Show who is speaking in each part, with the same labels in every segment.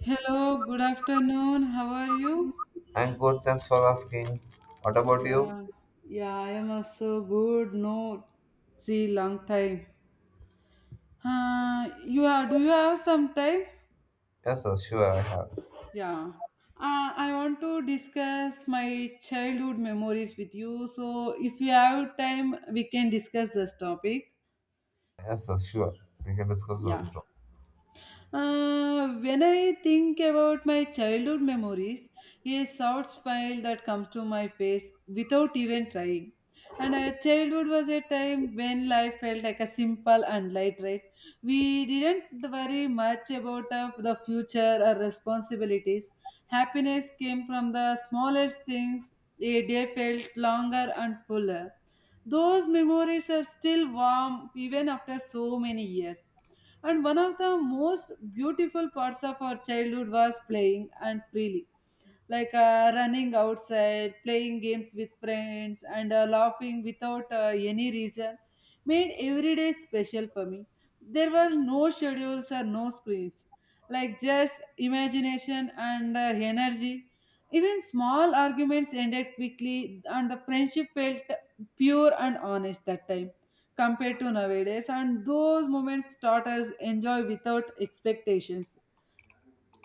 Speaker 1: Hello, good afternoon. How are you?
Speaker 2: I'm good, thanks for asking. What about you?
Speaker 1: Yeah, yeah, I am also good. No, see, long time. Do you have some time?
Speaker 2: Yes, sir, sure, I have.
Speaker 1: Yeah. I want to discuss my childhood memories with you. So, if you have time, we can discuss this topic.
Speaker 2: Yes, sir, sure. We can discuss on
Speaker 1: Yeah.
Speaker 2: it.
Speaker 1: When I think about my childhood memories, a soft smile that comes to my face without even trying. And our childhood was a time when life felt like a simple and light, right? We didn't worry much about the future or responsibilities. Happiness came from the smallest things. A day felt longer and fuller. Those memories are still warm even after so many years, and one of the most beautiful parts of our childhood was playing and freely, like running outside, playing games with friends, and laughing without any reason made every day special for me. There was no schedules or no screens, like just imagination and energy. Even small arguments ended quickly, and the friendship felt pure and honest that time compared to nowadays. And those moments taught us enjoy without expectations.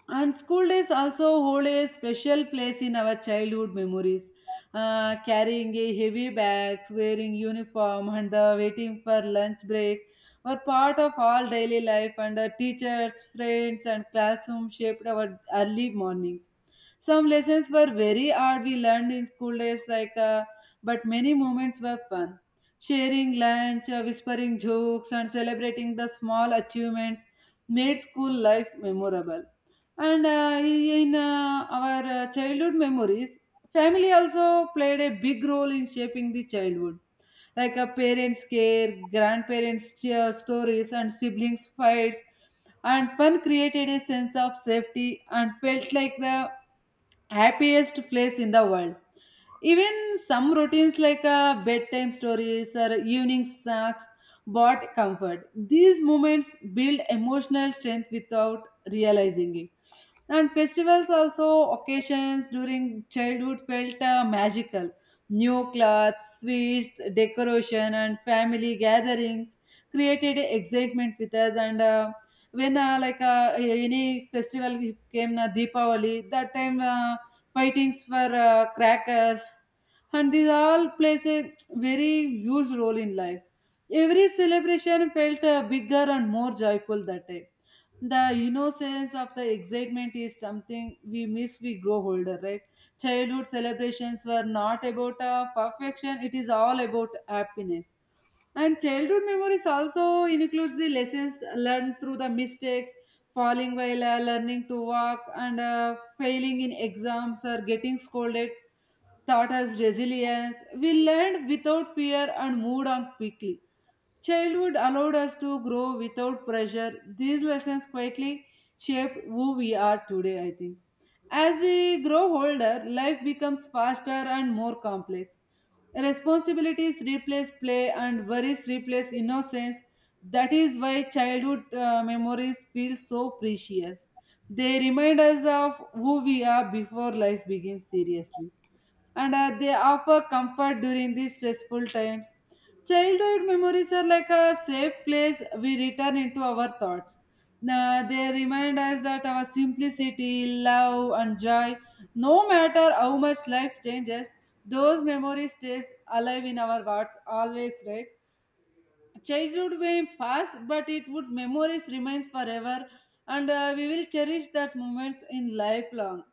Speaker 1: And school days also hold a special place in our childhood memories. Carrying a heavy bags, wearing uniform, and the waiting for lunch break were part of all daily life. And the teachers, friends, and classroom shaped our early mornings. Some lessons were very hard we learned in school days, but many moments were fun. Sharing lunch, whispering jokes, and celebrating the small achievements made school life memorable. And in our childhood memories, family also played a big role in shaping the childhood. Like a parents' care, grandparents' cheer, stories, and siblings' fights. And fun created a sense of safety and felt like the happiest place in the world. Even some routines like bedtime stories or evening snacks brought comfort. These moments build emotional strength without realizing it. And festivals also occasions during childhood felt magical. New clothes, sweets, decoration, and family gatherings created excitement with us. And when any festival came, Deepavali, that time fightings for crackers, and these all plays a very huge role in life. Every celebration felt bigger and more joyful that day. The innocence of the excitement is something we miss we grow older, right? Childhood celebrations were not about perfection, it is all about happiness. And childhood memories also includes the lessons learned through the mistakes, falling while learning to walk and failing in exams or getting scolded taught us resilience. We learned without fear and moved on quickly. Childhood allowed us to grow without pressure. These lessons quietly shape who we are today, I think. As we grow older, life becomes faster and more complex. Responsibilities replace play and worries replace innocence. That is why childhood memories feel so precious. They remind us of who we are before life begins seriously, and they offer comfort during these stressful times. Childhood memories are like a safe place we return into our thoughts. Now, they remind us that our simplicity, love, and joy, no matter how much life changes, those memories stays alive in our hearts always, right? Childhood may pass but it would memories remains forever, and we will cherish that moments in lifelong.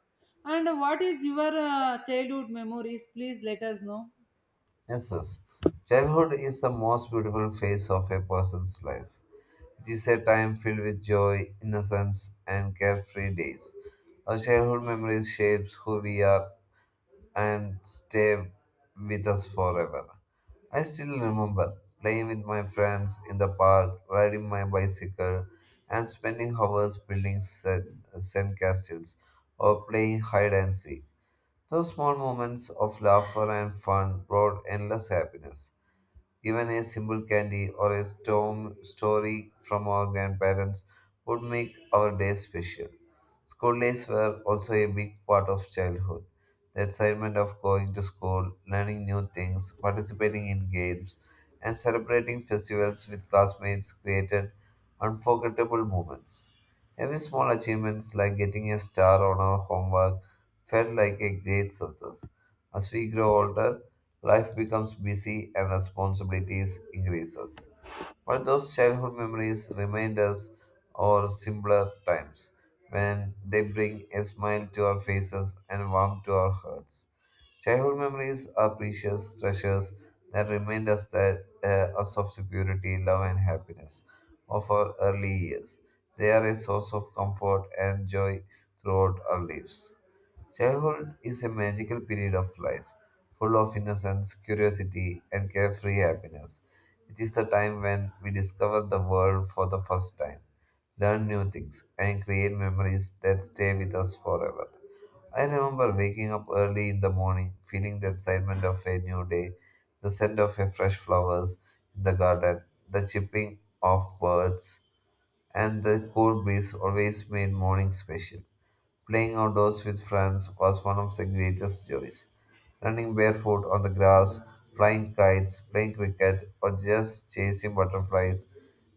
Speaker 1: And what is your childhood memories, please let us know.
Speaker 2: Yes, yes. Childhood is the most beautiful phase of a person's life. It is a time filled with joy, innocence, and carefree days. Our childhood memories shapes who we are and stay with us forever. I still remember playing with my friends in the park, riding my bicycle, and spending hours building sand castles or playing hide and seek. Those small moments of laughter and fun brought endless happiness. Even a simple candy or a storm story from our grandparents would make our day special. School days were also a big part of childhood. The excitement of going to school, learning new things, participating in games, and celebrating festivals with classmates created unforgettable moments. Every small achievement, like getting a star on our homework, felt like a great success. As we grow older, life becomes busy and responsibilities increases. But those childhood memories remind us of simpler times when they bring a smile to our faces and warmth to our hearts. Childhood memories are precious treasures that remind us of security, love, and happiness of our early years. They are a source of comfort and joy throughout our lives. Childhood is a magical period of life, full of innocence, curiosity, and carefree happiness. It is the time when we discover the world for the first time, learn new things, and create memories that stay with us forever. I remember waking up early in the morning, feeling the excitement of a new day, the scent of a fresh flowers in the garden, the chirping of birds, and the cool breeze always made mornings special. Playing outdoors with friends was one of the greatest joys. Running barefoot on the grass, flying kites, playing cricket, or just chasing butterflies,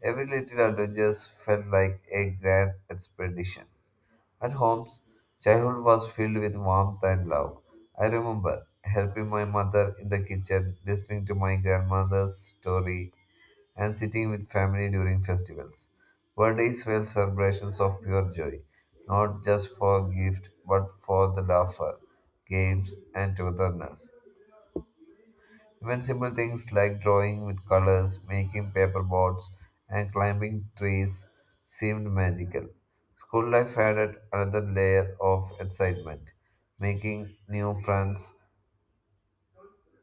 Speaker 2: every little adventure felt like a grand expedition. At homes, childhood was filled with warmth and love. I remember helping my mother in the kitchen, listening to my grandmother's story, and sitting with family during festivals. Birthdays were celebrations of pure joy, not just for gift, but for the laughter, games, and togetherness. Even simple things like drawing with colors, making paper boats, and climbing trees seemed magical. School life added another layer of excitement, making new friends,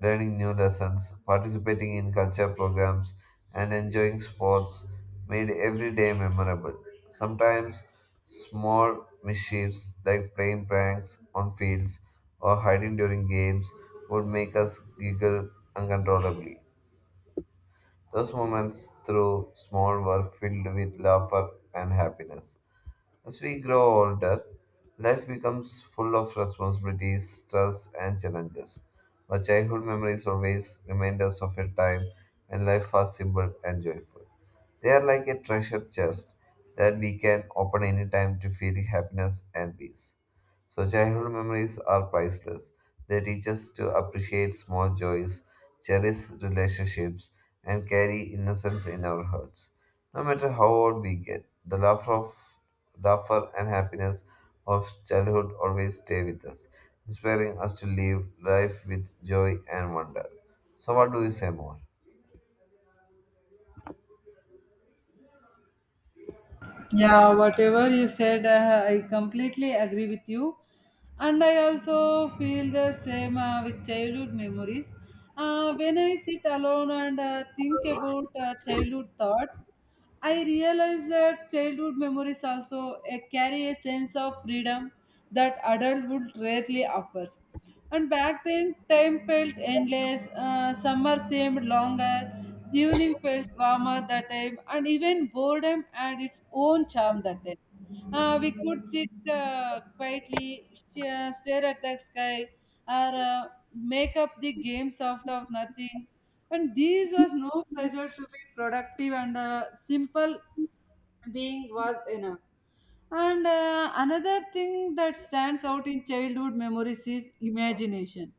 Speaker 2: learning new lessons, participating in culture programs, and enjoying sports made every day memorable. Sometimes small mischiefs like playing pranks on fields or hiding during games would make us giggle uncontrollably. Those moments through small were filled with laughter and happiness. As we grow older, life becomes full of responsibilities, stress, and challenges. But childhood memories always remind us of a time when life was simple and joyful. They are like a treasure chest that we can open anytime to feel happiness and peace. So, childhood memories are priceless. They teach us to appreciate small joys, cherish relationships, and carry innocence in our hearts. No matter how old we get, the laughter and happiness of childhood always stay with us, inspiring us to live life with joy and wonder. So, what do you say more?
Speaker 1: Yeah, whatever you said, I completely agree with you. And I also feel the same with childhood memories. When I sit alone and think about childhood thoughts, I realize that childhood memories also carry a sense of freedom that adulthood rarely offers. And back then, time felt endless. Summer seemed longer. The evening felt warmer that time, and even boredom had its own charm that time. We could sit quietly, stare at the sky, or make up the games out of nothing. And this was no pressure to be productive, and simple being was enough. And another thing that stands out in childhood memories is imagination.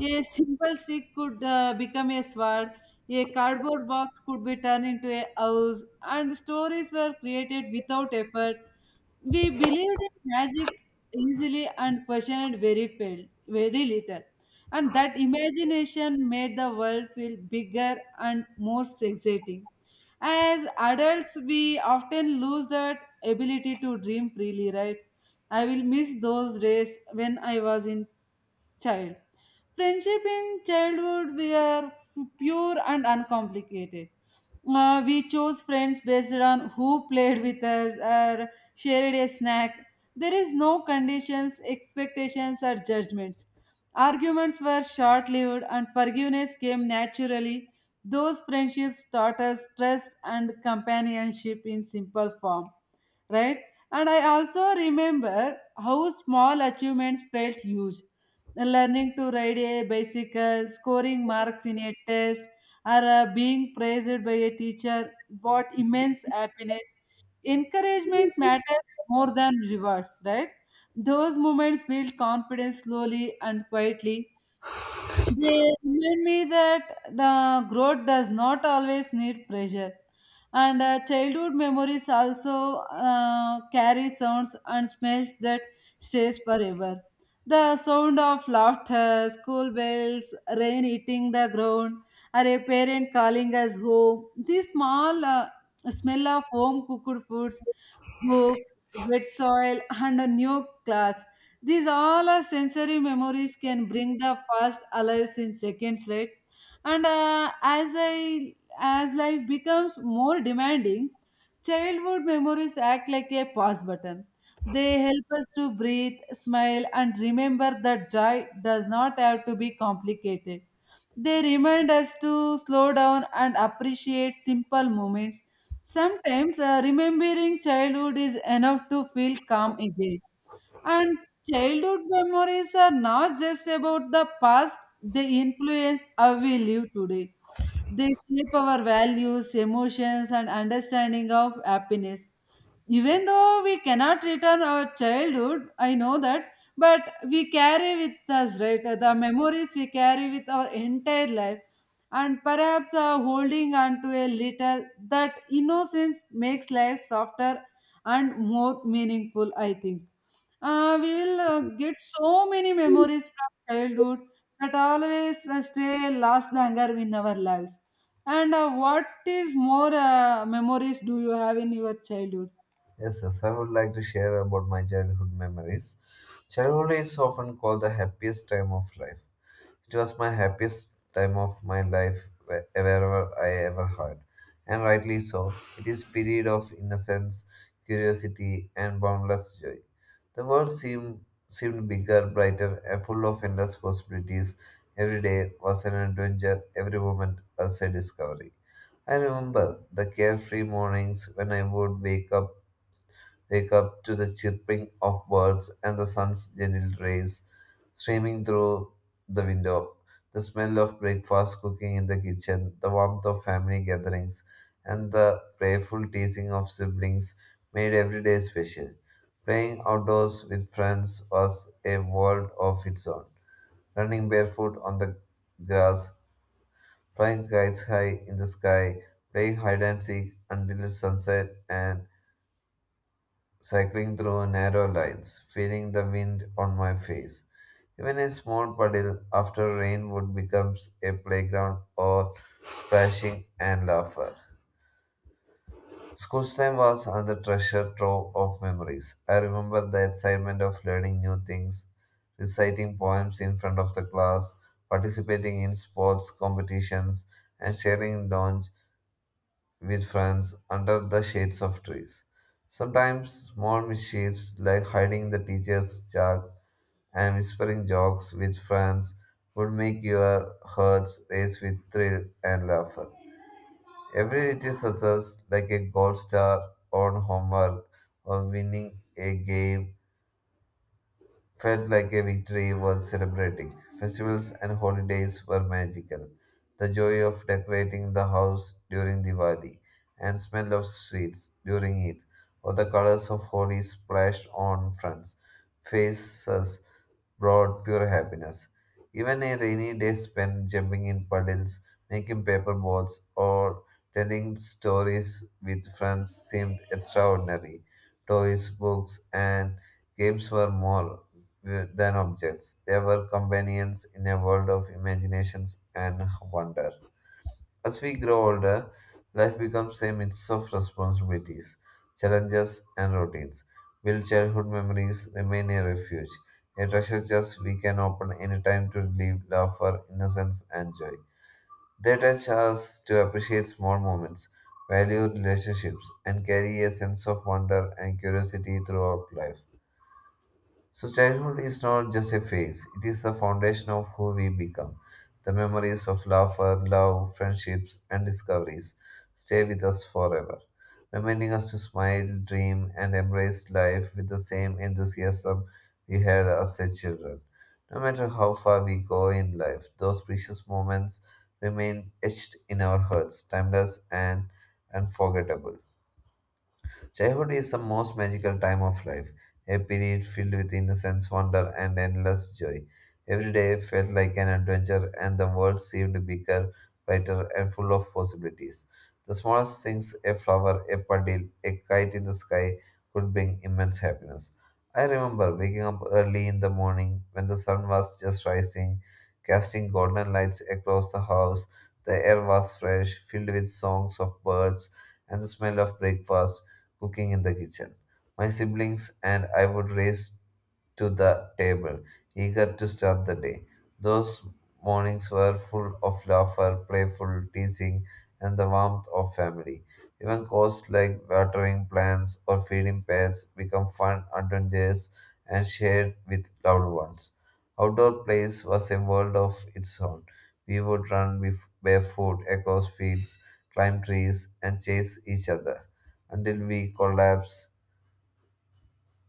Speaker 1: A simple stick could become a sword, a cardboard box could be turned into a house, and stories were created without effort. We believed in magic easily and questioned very little. And that imagination made the world feel bigger and more exciting. As adults, we often lose that ability to dream freely, right? I will miss those days when I was in child. Friendship in childhood were pure and uncomplicated. We chose friends based on who played with us or shared a snack. There is no conditions, expectations, or judgments. Arguments were short lived and forgiveness came naturally. Those friendships taught us trust and companionship in simple form, right? And I also remember how small achievements felt huge. Learning to ride a bicycle, scoring marks in a test, or being praised by a teacher brought immense happiness. Encouragement matters more than rewards, right? Those moments build confidence slowly and quietly. They remind me that the growth does not always need pressure, and childhood memories also carry sounds and smells that stays forever. The sound of laughter, school bells, rain hitting the ground, or a parent calling us home. These small smell of home cooked foods, books, wet soil, and a new class, these all our sensory memories can bring the past alive in seconds, right? And as life becomes more demanding, childhood memories act like a pause button. They help us to breathe, smile, and remember that joy does not have to be complicated. They remind us to slow down and appreciate simple moments. Sometimes remembering childhood is enough to feel calm again. And childhood memories are not just about the past, they influence how we live today. They shape our values, emotions, and understanding of happiness. Even though we cannot return our childhood, I know that, but we carry with us, right? The memories we carry with our entire life. And perhaps holding on to a little, that innocence makes life softer and more meaningful, I think we will get so many memories from childhood that always stay last longer in our lives. And what is more memories do you have in your childhood?
Speaker 2: Yes, yes, I would like to share about my childhood memories. Childhood is often called the happiest time of life. It was my happiest time of my life wherever I ever had, and rightly so. It is period of innocence, curiosity, and boundless joy. The world seemed bigger, brighter, and full of endless possibilities. Every day was an adventure, every moment was a discovery. I remember the carefree mornings when I would wake up wake up to the chirping of birds and the sun's gentle rays streaming through the window. The smell of breakfast cooking in the kitchen, the warmth of family gatherings, and the playful teasing of siblings made every day special. Playing outdoors with friends was a world of its own. Running barefoot on the grass, flying kites high in the sky, playing hide and seek until sunset, and cycling through narrow lanes, feeling the wind on my face. Even a small puddle after rain would become a playground or splashing and laughter. School time was another treasure trove of memories. I remember the excitement of learning new things, reciting poems in front of the class, participating in sports competitions, and sharing lunch with friends under the shades of trees. Sometimes small mischiefs like hiding the teacher's chalk and whispering jokes with friends would make your hearts race with thrill and laughter. Every little success, like a gold star on homework or winning a game felt like a victory worth celebrating. Festivals and holidays were magical. The joy of decorating the house during Diwali and smell of sweets during it, or the colors of Holi splashed on fronts, faces brought pure happiness. Even a rainy day spent jumping in puddles, making paper boats, or telling stories with friends seemed extraordinary. Toys, books, and games were more than objects. They were companions in a world of imaginations and wonder. As we grow older, life becomes a mix of responsibilities, challenges, and routines. Will childhood memories remain a refuge, a treasure chest we can open anytime to relieve laughter, innocence, and joy? They teach us to appreciate small moments, value relationships, and carry a sense of wonder and curiosity throughout life. So, childhood is not just a phase, it is the foundation of who we become. The memories of laughter, love, friendships, and discoveries stay with us forever, reminding us to smile, dream, and embrace life with the same enthusiasm we had as a children. No matter how far we go in life, those precious moments remain etched in our hearts, timeless and unforgettable. Childhood is the most magical time of life, a period filled with innocence, wonder, and endless joy. Every day felt like an adventure, and the world seemed bigger, brighter, and full of possibilities. The smallest things, a flower, a puddle, a kite in the sky, could bring immense happiness. I remember waking up early in the morning when the sun was just rising, casting golden lights across the house. The air was fresh, filled with songs of birds and the smell of breakfast, cooking in the kitchen. My siblings and I would race to the table, eager to start the day. Those mornings were full of laughter, playful teasing, and the warmth of family. Even chores like watering plants or feeding pets become fun adventures and shared with loved ones. Outdoor plays was a world of its own. We would run with barefoot across fields, climb trees, and chase each other until we collapse,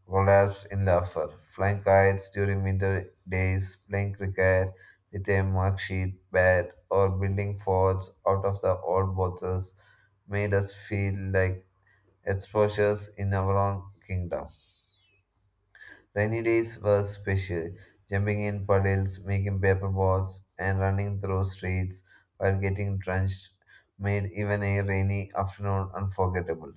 Speaker 2: collapse in laughter, flying kites during winter days, playing cricket with a mug sheet bat, or building forts out of the old boxes made us feel like exposures in our own kingdom. Rainy days were special, jumping in puddles, making paper balls, and running through streets while getting drenched made even a rainy afternoon unforgettable.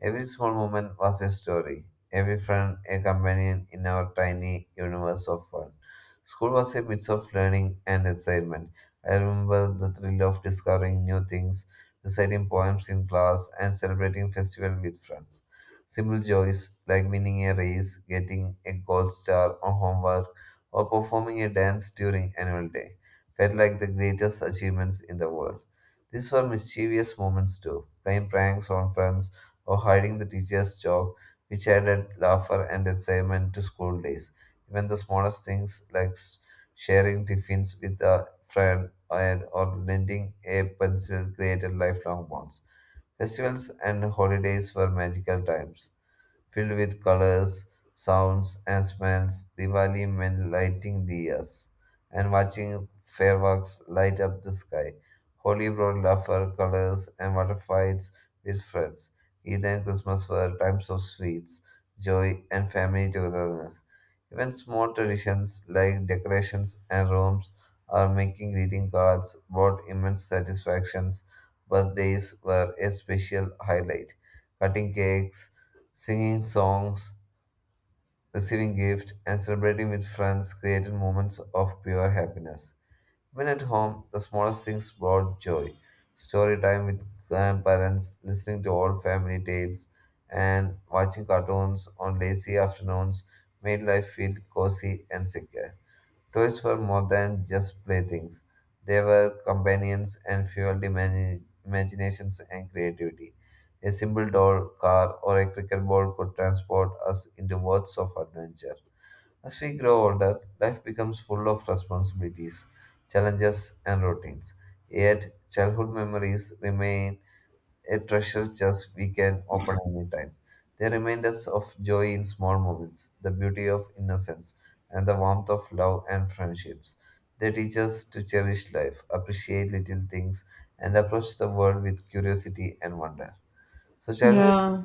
Speaker 2: Every small moment was a story, every friend a companion in our tiny universe of fun. School was a mix of learning and excitement. I remember the thrill of discovering new things, reciting poems in class, and celebrating festival with friends. Simple joys like winning a race, getting a gold star on homework, or performing a dance during annual day felt like the greatest achievements in the world. These were mischievous moments too, playing pranks on friends or hiding the teacher's joke, which added laughter and excitement to school days. Even the smallest things like sharing tiffins with a friend and or lending a pencil created lifelong bonds. Festivals and holidays were magical times filled with colors, sounds, and smells. Diwali meant lighting diyas and watching fireworks light up the sky. Holi brought laughter, colors, and water fights with friends. Eid and Christmas were times of sweets, joy, and family togetherness. Even small traditions like decorations and rooms or making greeting cards brought immense satisfactions. Birthdays were a special highlight. Cutting cakes, singing songs, receiving gifts, and celebrating with friends created moments of pure happiness. When at home, the smallest things brought joy. Story time with grandparents, listening to old family tales, and watching cartoons on lazy afternoons made life feel cozy and secure. Toys were more than just playthings. They were companions and fueled imaginations and creativity. A simple doll, car, or a cricket ball could transport us into worlds of adventure. As we grow older, life becomes full of responsibilities, challenges, and routines. Yet, childhood memories remain a treasure chest we can open anytime. They remind us of joy in small moments, the beauty of innocence, and the warmth of love and friendships. They teach us to cherish life, appreciate little things, and approach the world with curiosity and wonder. So, childhood,
Speaker 1: Yeah.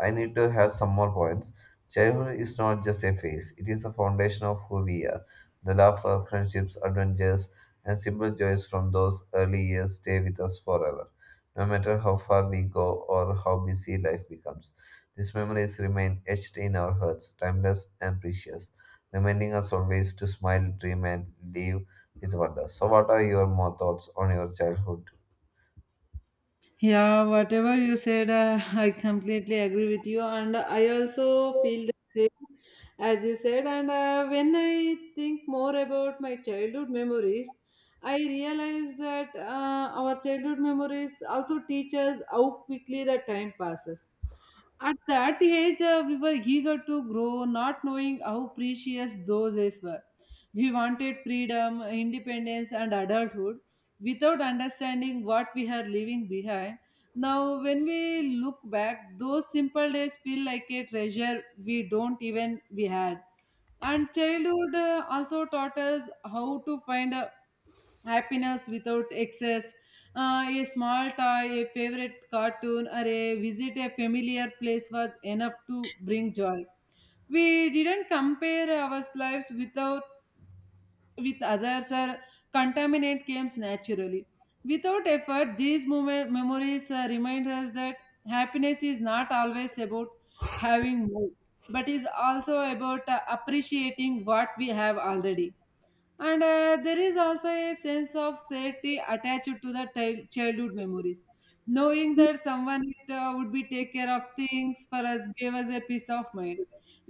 Speaker 2: I need to have some more points. Childhood is not just a phase, it is the foundation of who we are. The laughter, friendships, adventures, and simple joys from those early years stay with us forever, no matter how far we go or how busy life becomes. These memories remain etched in our hearts, timeless and precious, reminding us always to smile, dream, and live with wonder. So, what are your more thoughts on your childhood?
Speaker 1: Yeah, whatever you said, I completely agree with you, and I also feel the same as you said. And when I think more about my childhood memories, I realize that our childhood memories also teach us how quickly the time passes. At that age, we were eager to grow, not knowing how precious those days were. We wanted freedom, independence, and adulthood without understanding what we are leaving behind. Now, when we look back, those simple days feel like a treasure we don't even we had. And childhood also taught us how to find happiness without excess. A small toy, a favorite cartoon, or a visit a familiar place was enough to bring joy. We didn't compare our lives with our with others or contaminate comes naturally. Without effort, these memories remind us that happiness is not always about having more, but is also about appreciating what we have already. And there is also a sense of safety attached to the childhood memories, knowing that someone would be take care of things for us gave us a peace of mind.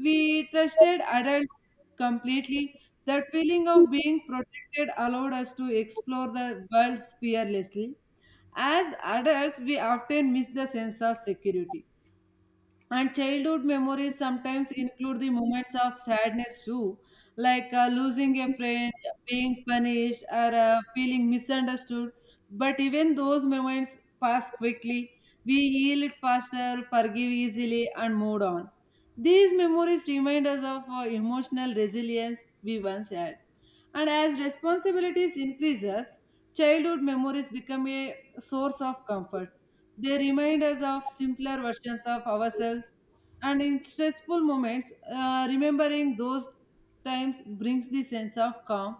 Speaker 1: We trusted adults completely. That feeling of being protected allowed us to explore the world fearlessly. As adults, we often miss the sense of security. And childhood memories sometimes include the moments of sadness too, like losing a friend, being punished, or feeling misunderstood. But even those moments pass quickly. We heal it faster, forgive easily, and move on. These memories remind us of emotional resilience we once had. And as responsibilities increases, childhood memories become a source of comfort. They remind us of simpler versions of ourselves, and in stressful moments, remembering those times brings the sense of calm.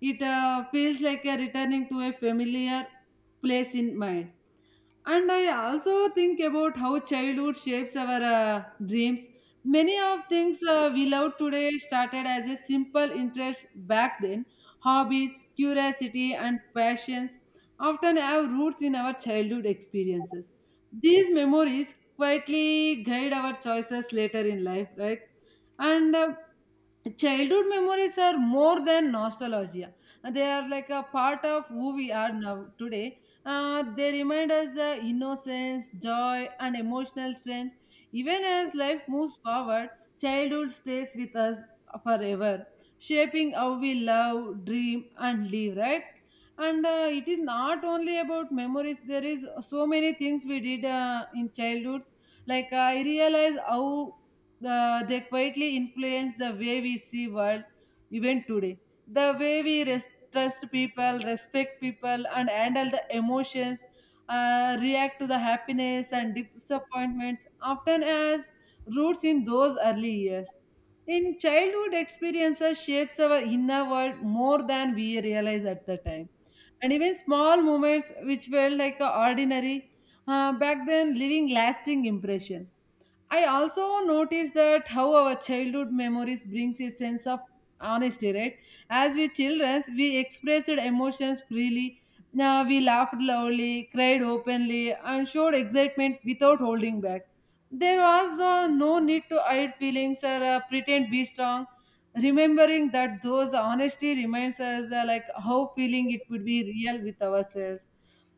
Speaker 1: It feels like a returning to a familiar place in mind. And I also think about how childhood shapes our dreams. Many of things we love today started as a simple interest back then. Hobbies, curiosity, and passions often have roots in our childhood experiences. These memories quietly guide our choices later in life, right? And childhood memories are more than nostalgia. They are like a part of who we are now today. They remind us the innocence, joy, and emotional strength. Even as life moves forward, childhood stays with us forever, shaping how we love, dream, and live. Right? And it is not only about memories. There is so many things we did in childhoods. Like I realize how they quietly influence the way we see world even today. The way we trust people, respect people and handle the emotions, react to the happiness and disappointments often as roots in those early years, in childhood experiences shapes our inner world more than we realize at the time. And even small moments which felt like ordinary back then leaving lasting impressions. I also notice that how our childhood memories brings a sense of honesty, right? As we children, we expressed emotions freely. Now we laughed loudly, cried openly, and showed excitement without holding back. There was no need to hide feelings or pretend be strong. Remembering that those honesty reminds us like how feeling it would be real with ourselves.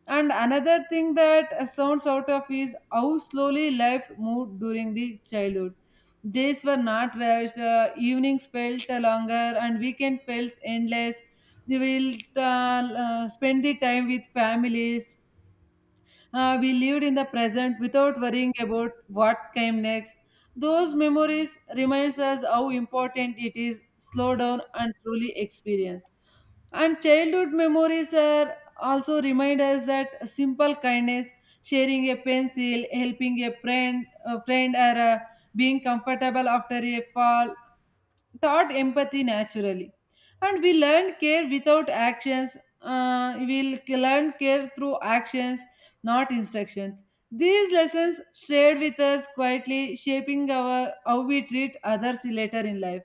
Speaker 1: And another thing that sounds out of is how slowly life moved during the childhood. Days were not rushed, evenings felt longer, and weekend felt endless. We will spend the time with families. We lived in the present without worrying about what came next. Those memories reminds us how important it is slow down and truly experience. And childhood memories are also remind us that simple kindness, sharing a pencil, helping a friend or being comfortable after a fall taught empathy naturally. And we learn care without actions, we'll k- learn care through actions, not instructions. These lessons shared with us quietly, shaping our how we treat others later in life.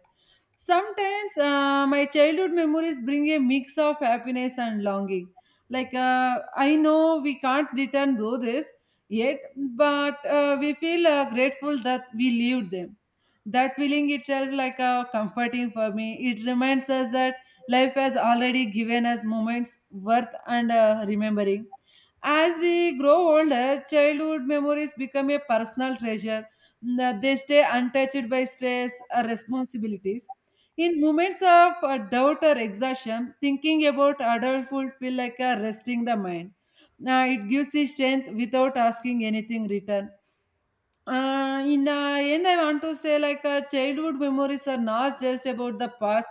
Speaker 1: Sometimes my childhood memories bring a mix of happiness and longing. Like I know we can't return though this yet, but we feel grateful that we lived them. That feeling itself like a comforting for me, it reminds us that life has already given us moments worth and remembering. As we grow older, childhood memories become a personal treasure. They stay untouched by stress or responsibilities. In moments of doubt or exhaustion, thinking about adulthood feel like a resting the mind. Now it gives the strength without asking anything return. In the end, I want to say like childhood memories are not just about the past.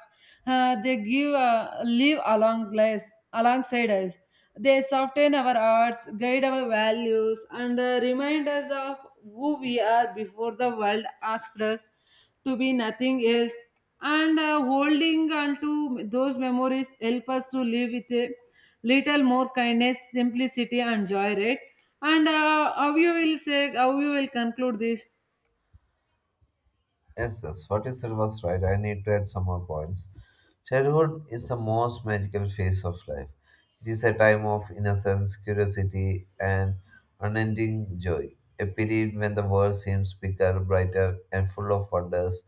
Speaker 1: They give live along lives, alongside us. They soften our hearts, guide our values, and remind us of who we are before the world asked us to be nothing else. And holding on to those memories help us to live with a little more kindness, simplicity, and joy. Right? And how you will conclude this?
Speaker 2: Yes, yes, what you said was right. I need to add some more points. Childhood is the most magical phase of life. It is a time of innocence, curiosity, and unending joy. A period when the world seems bigger, brighter, and full of wonders,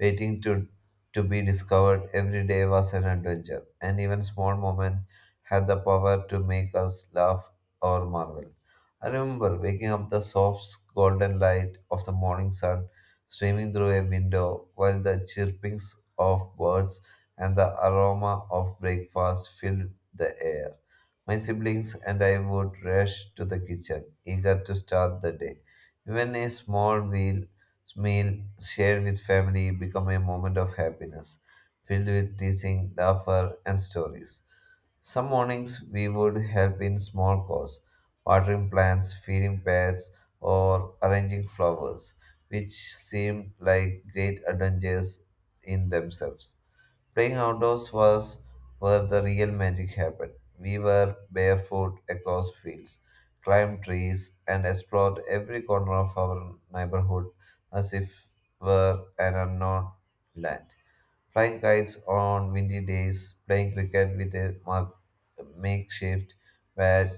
Speaker 2: waiting to, to be discovered. Every day was an adventure, and even small moments had the power to make us laugh or marvel. I remember waking up the soft golden light of the morning sun streaming through a window, while the chirpings of birds and the aroma of breakfast filled the air. My siblings and I would rush to the kitchen, eager to start the day. Even a meal shared with family became a moment of happiness, filled with teasing, laughter, and stories. Some mornings we would help in small chores, watering plants, feeding pets, or arranging flowers, which seemed like great adventures in themselves. Playing outdoors was where the real magic happened. We were barefoot across fields, climbed trees, and explored every corner of our neighborhood as if were an unknown land. Flying kites on windy days, playing cricket with a makeshift bat,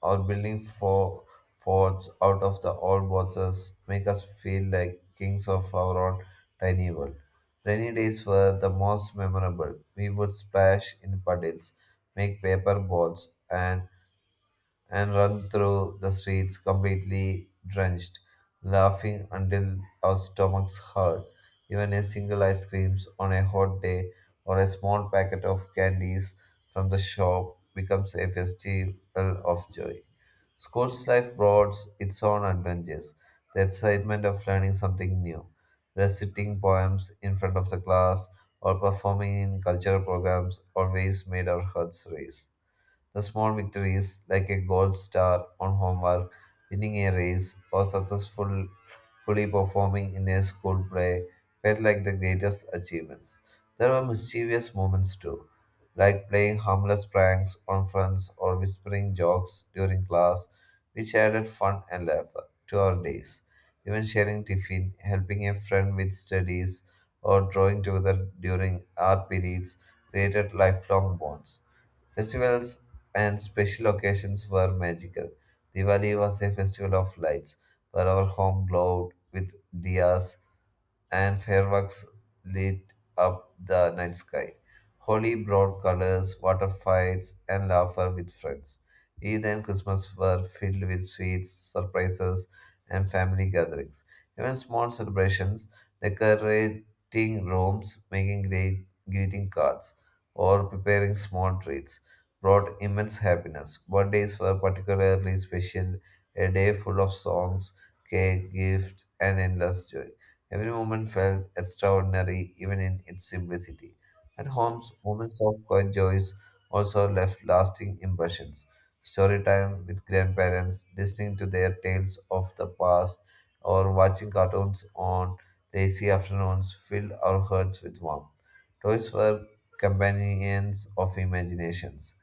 Speaker 2: or building forts out of the old boxes make us feel like kings of our own tiny world. Rainy days were the most memorable. We would splash in puddles, make paper boats, and run through the streets completely drenched, laughing until our stomachs hurt. Even a single ice cream on a hot day or a small packet of candies from the shop becomes a festival of joy. School's life brought its own adventures, the excitement of learning something new, reciting poems in front of the class, or performing in cultural programs always made our hearts race. The small victories, like a gold star on homework, winning a race, or successfully performing in a school play, felt like the greatest achievements. There were mischievous moments too, like playing harmless pranks on friends or whispering jokes during class, which added fun and laughter to our days. Even sharing tiffin, helping a friend with studies, or drawing together during art periods created lifelong bonds. Festivals and special occasions were magical. Diwali was a festival of lights, where our home glowed with diyas and fireworks lit up the night sky. Holi brought colors, water fights, and laughter with friends. Eid and Christmas were filled with sweets, surprises, and family gatherings. Even small celebrations, decorating rooms, making great greeting cards, or preparing small treats brought immense happiness. Birthdays were particularly special, a day full of songs, cake, gifts, and endless joy. Every moment felt extraordinary, even in its simplicity. At homes, moments of quiet joys also left lasting impressions. Story time with grandparents, listening to their tales of the past, or watching cartoons on lazy afternoons filled our hearts with warmth. Toys were companions of imaginations,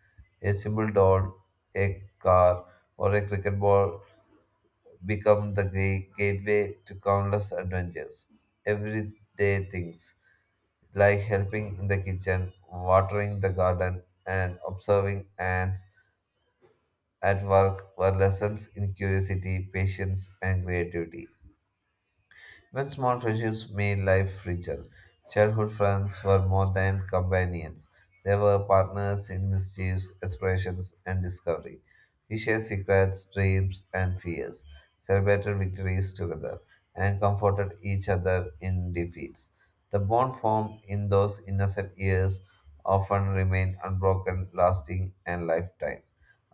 Speaker 2: a simple doll, a car, or a cricket ball become the great gateway to countless adventures. Everyday things like helping in the kitchen, watering the garden, and observing ants at work were lessons in curiosity, patience, and creativity. Even small friendships made life richer. Childhood friends were more than companions. They were partners in mischiefs, explorations, and discovery. We shared secrets, dreams, and fears, celebrated victories together, and comforted each other in defeats. The bond formed in those innocent years often remain unbroken, lasting, and lifetime.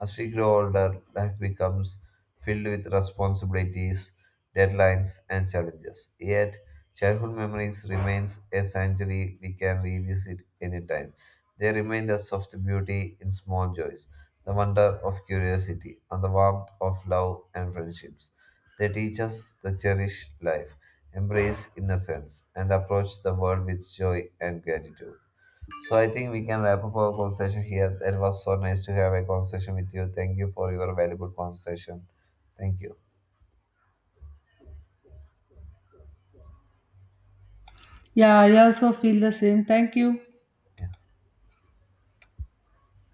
Speaker 2: As we grow older, life becomes filled with responsibilities, deadlines, and challenges. Yet, childhood memories remains a sanctuary we can revisit anytime. They remind us of the beauty in small joys, the wonder of curiosity, and the warmth of love and friendships. They teach us to cherish life, embrace innocence, and approach the world with joy and gratitude. So I think we can wrap up our conversation here. It was so nice to have a conversation with you. Thank you for your valuable conversation. Thank you.
Speaker 1: Yeah, I also feel the same. Thank you.
Speaker 2: Yeah.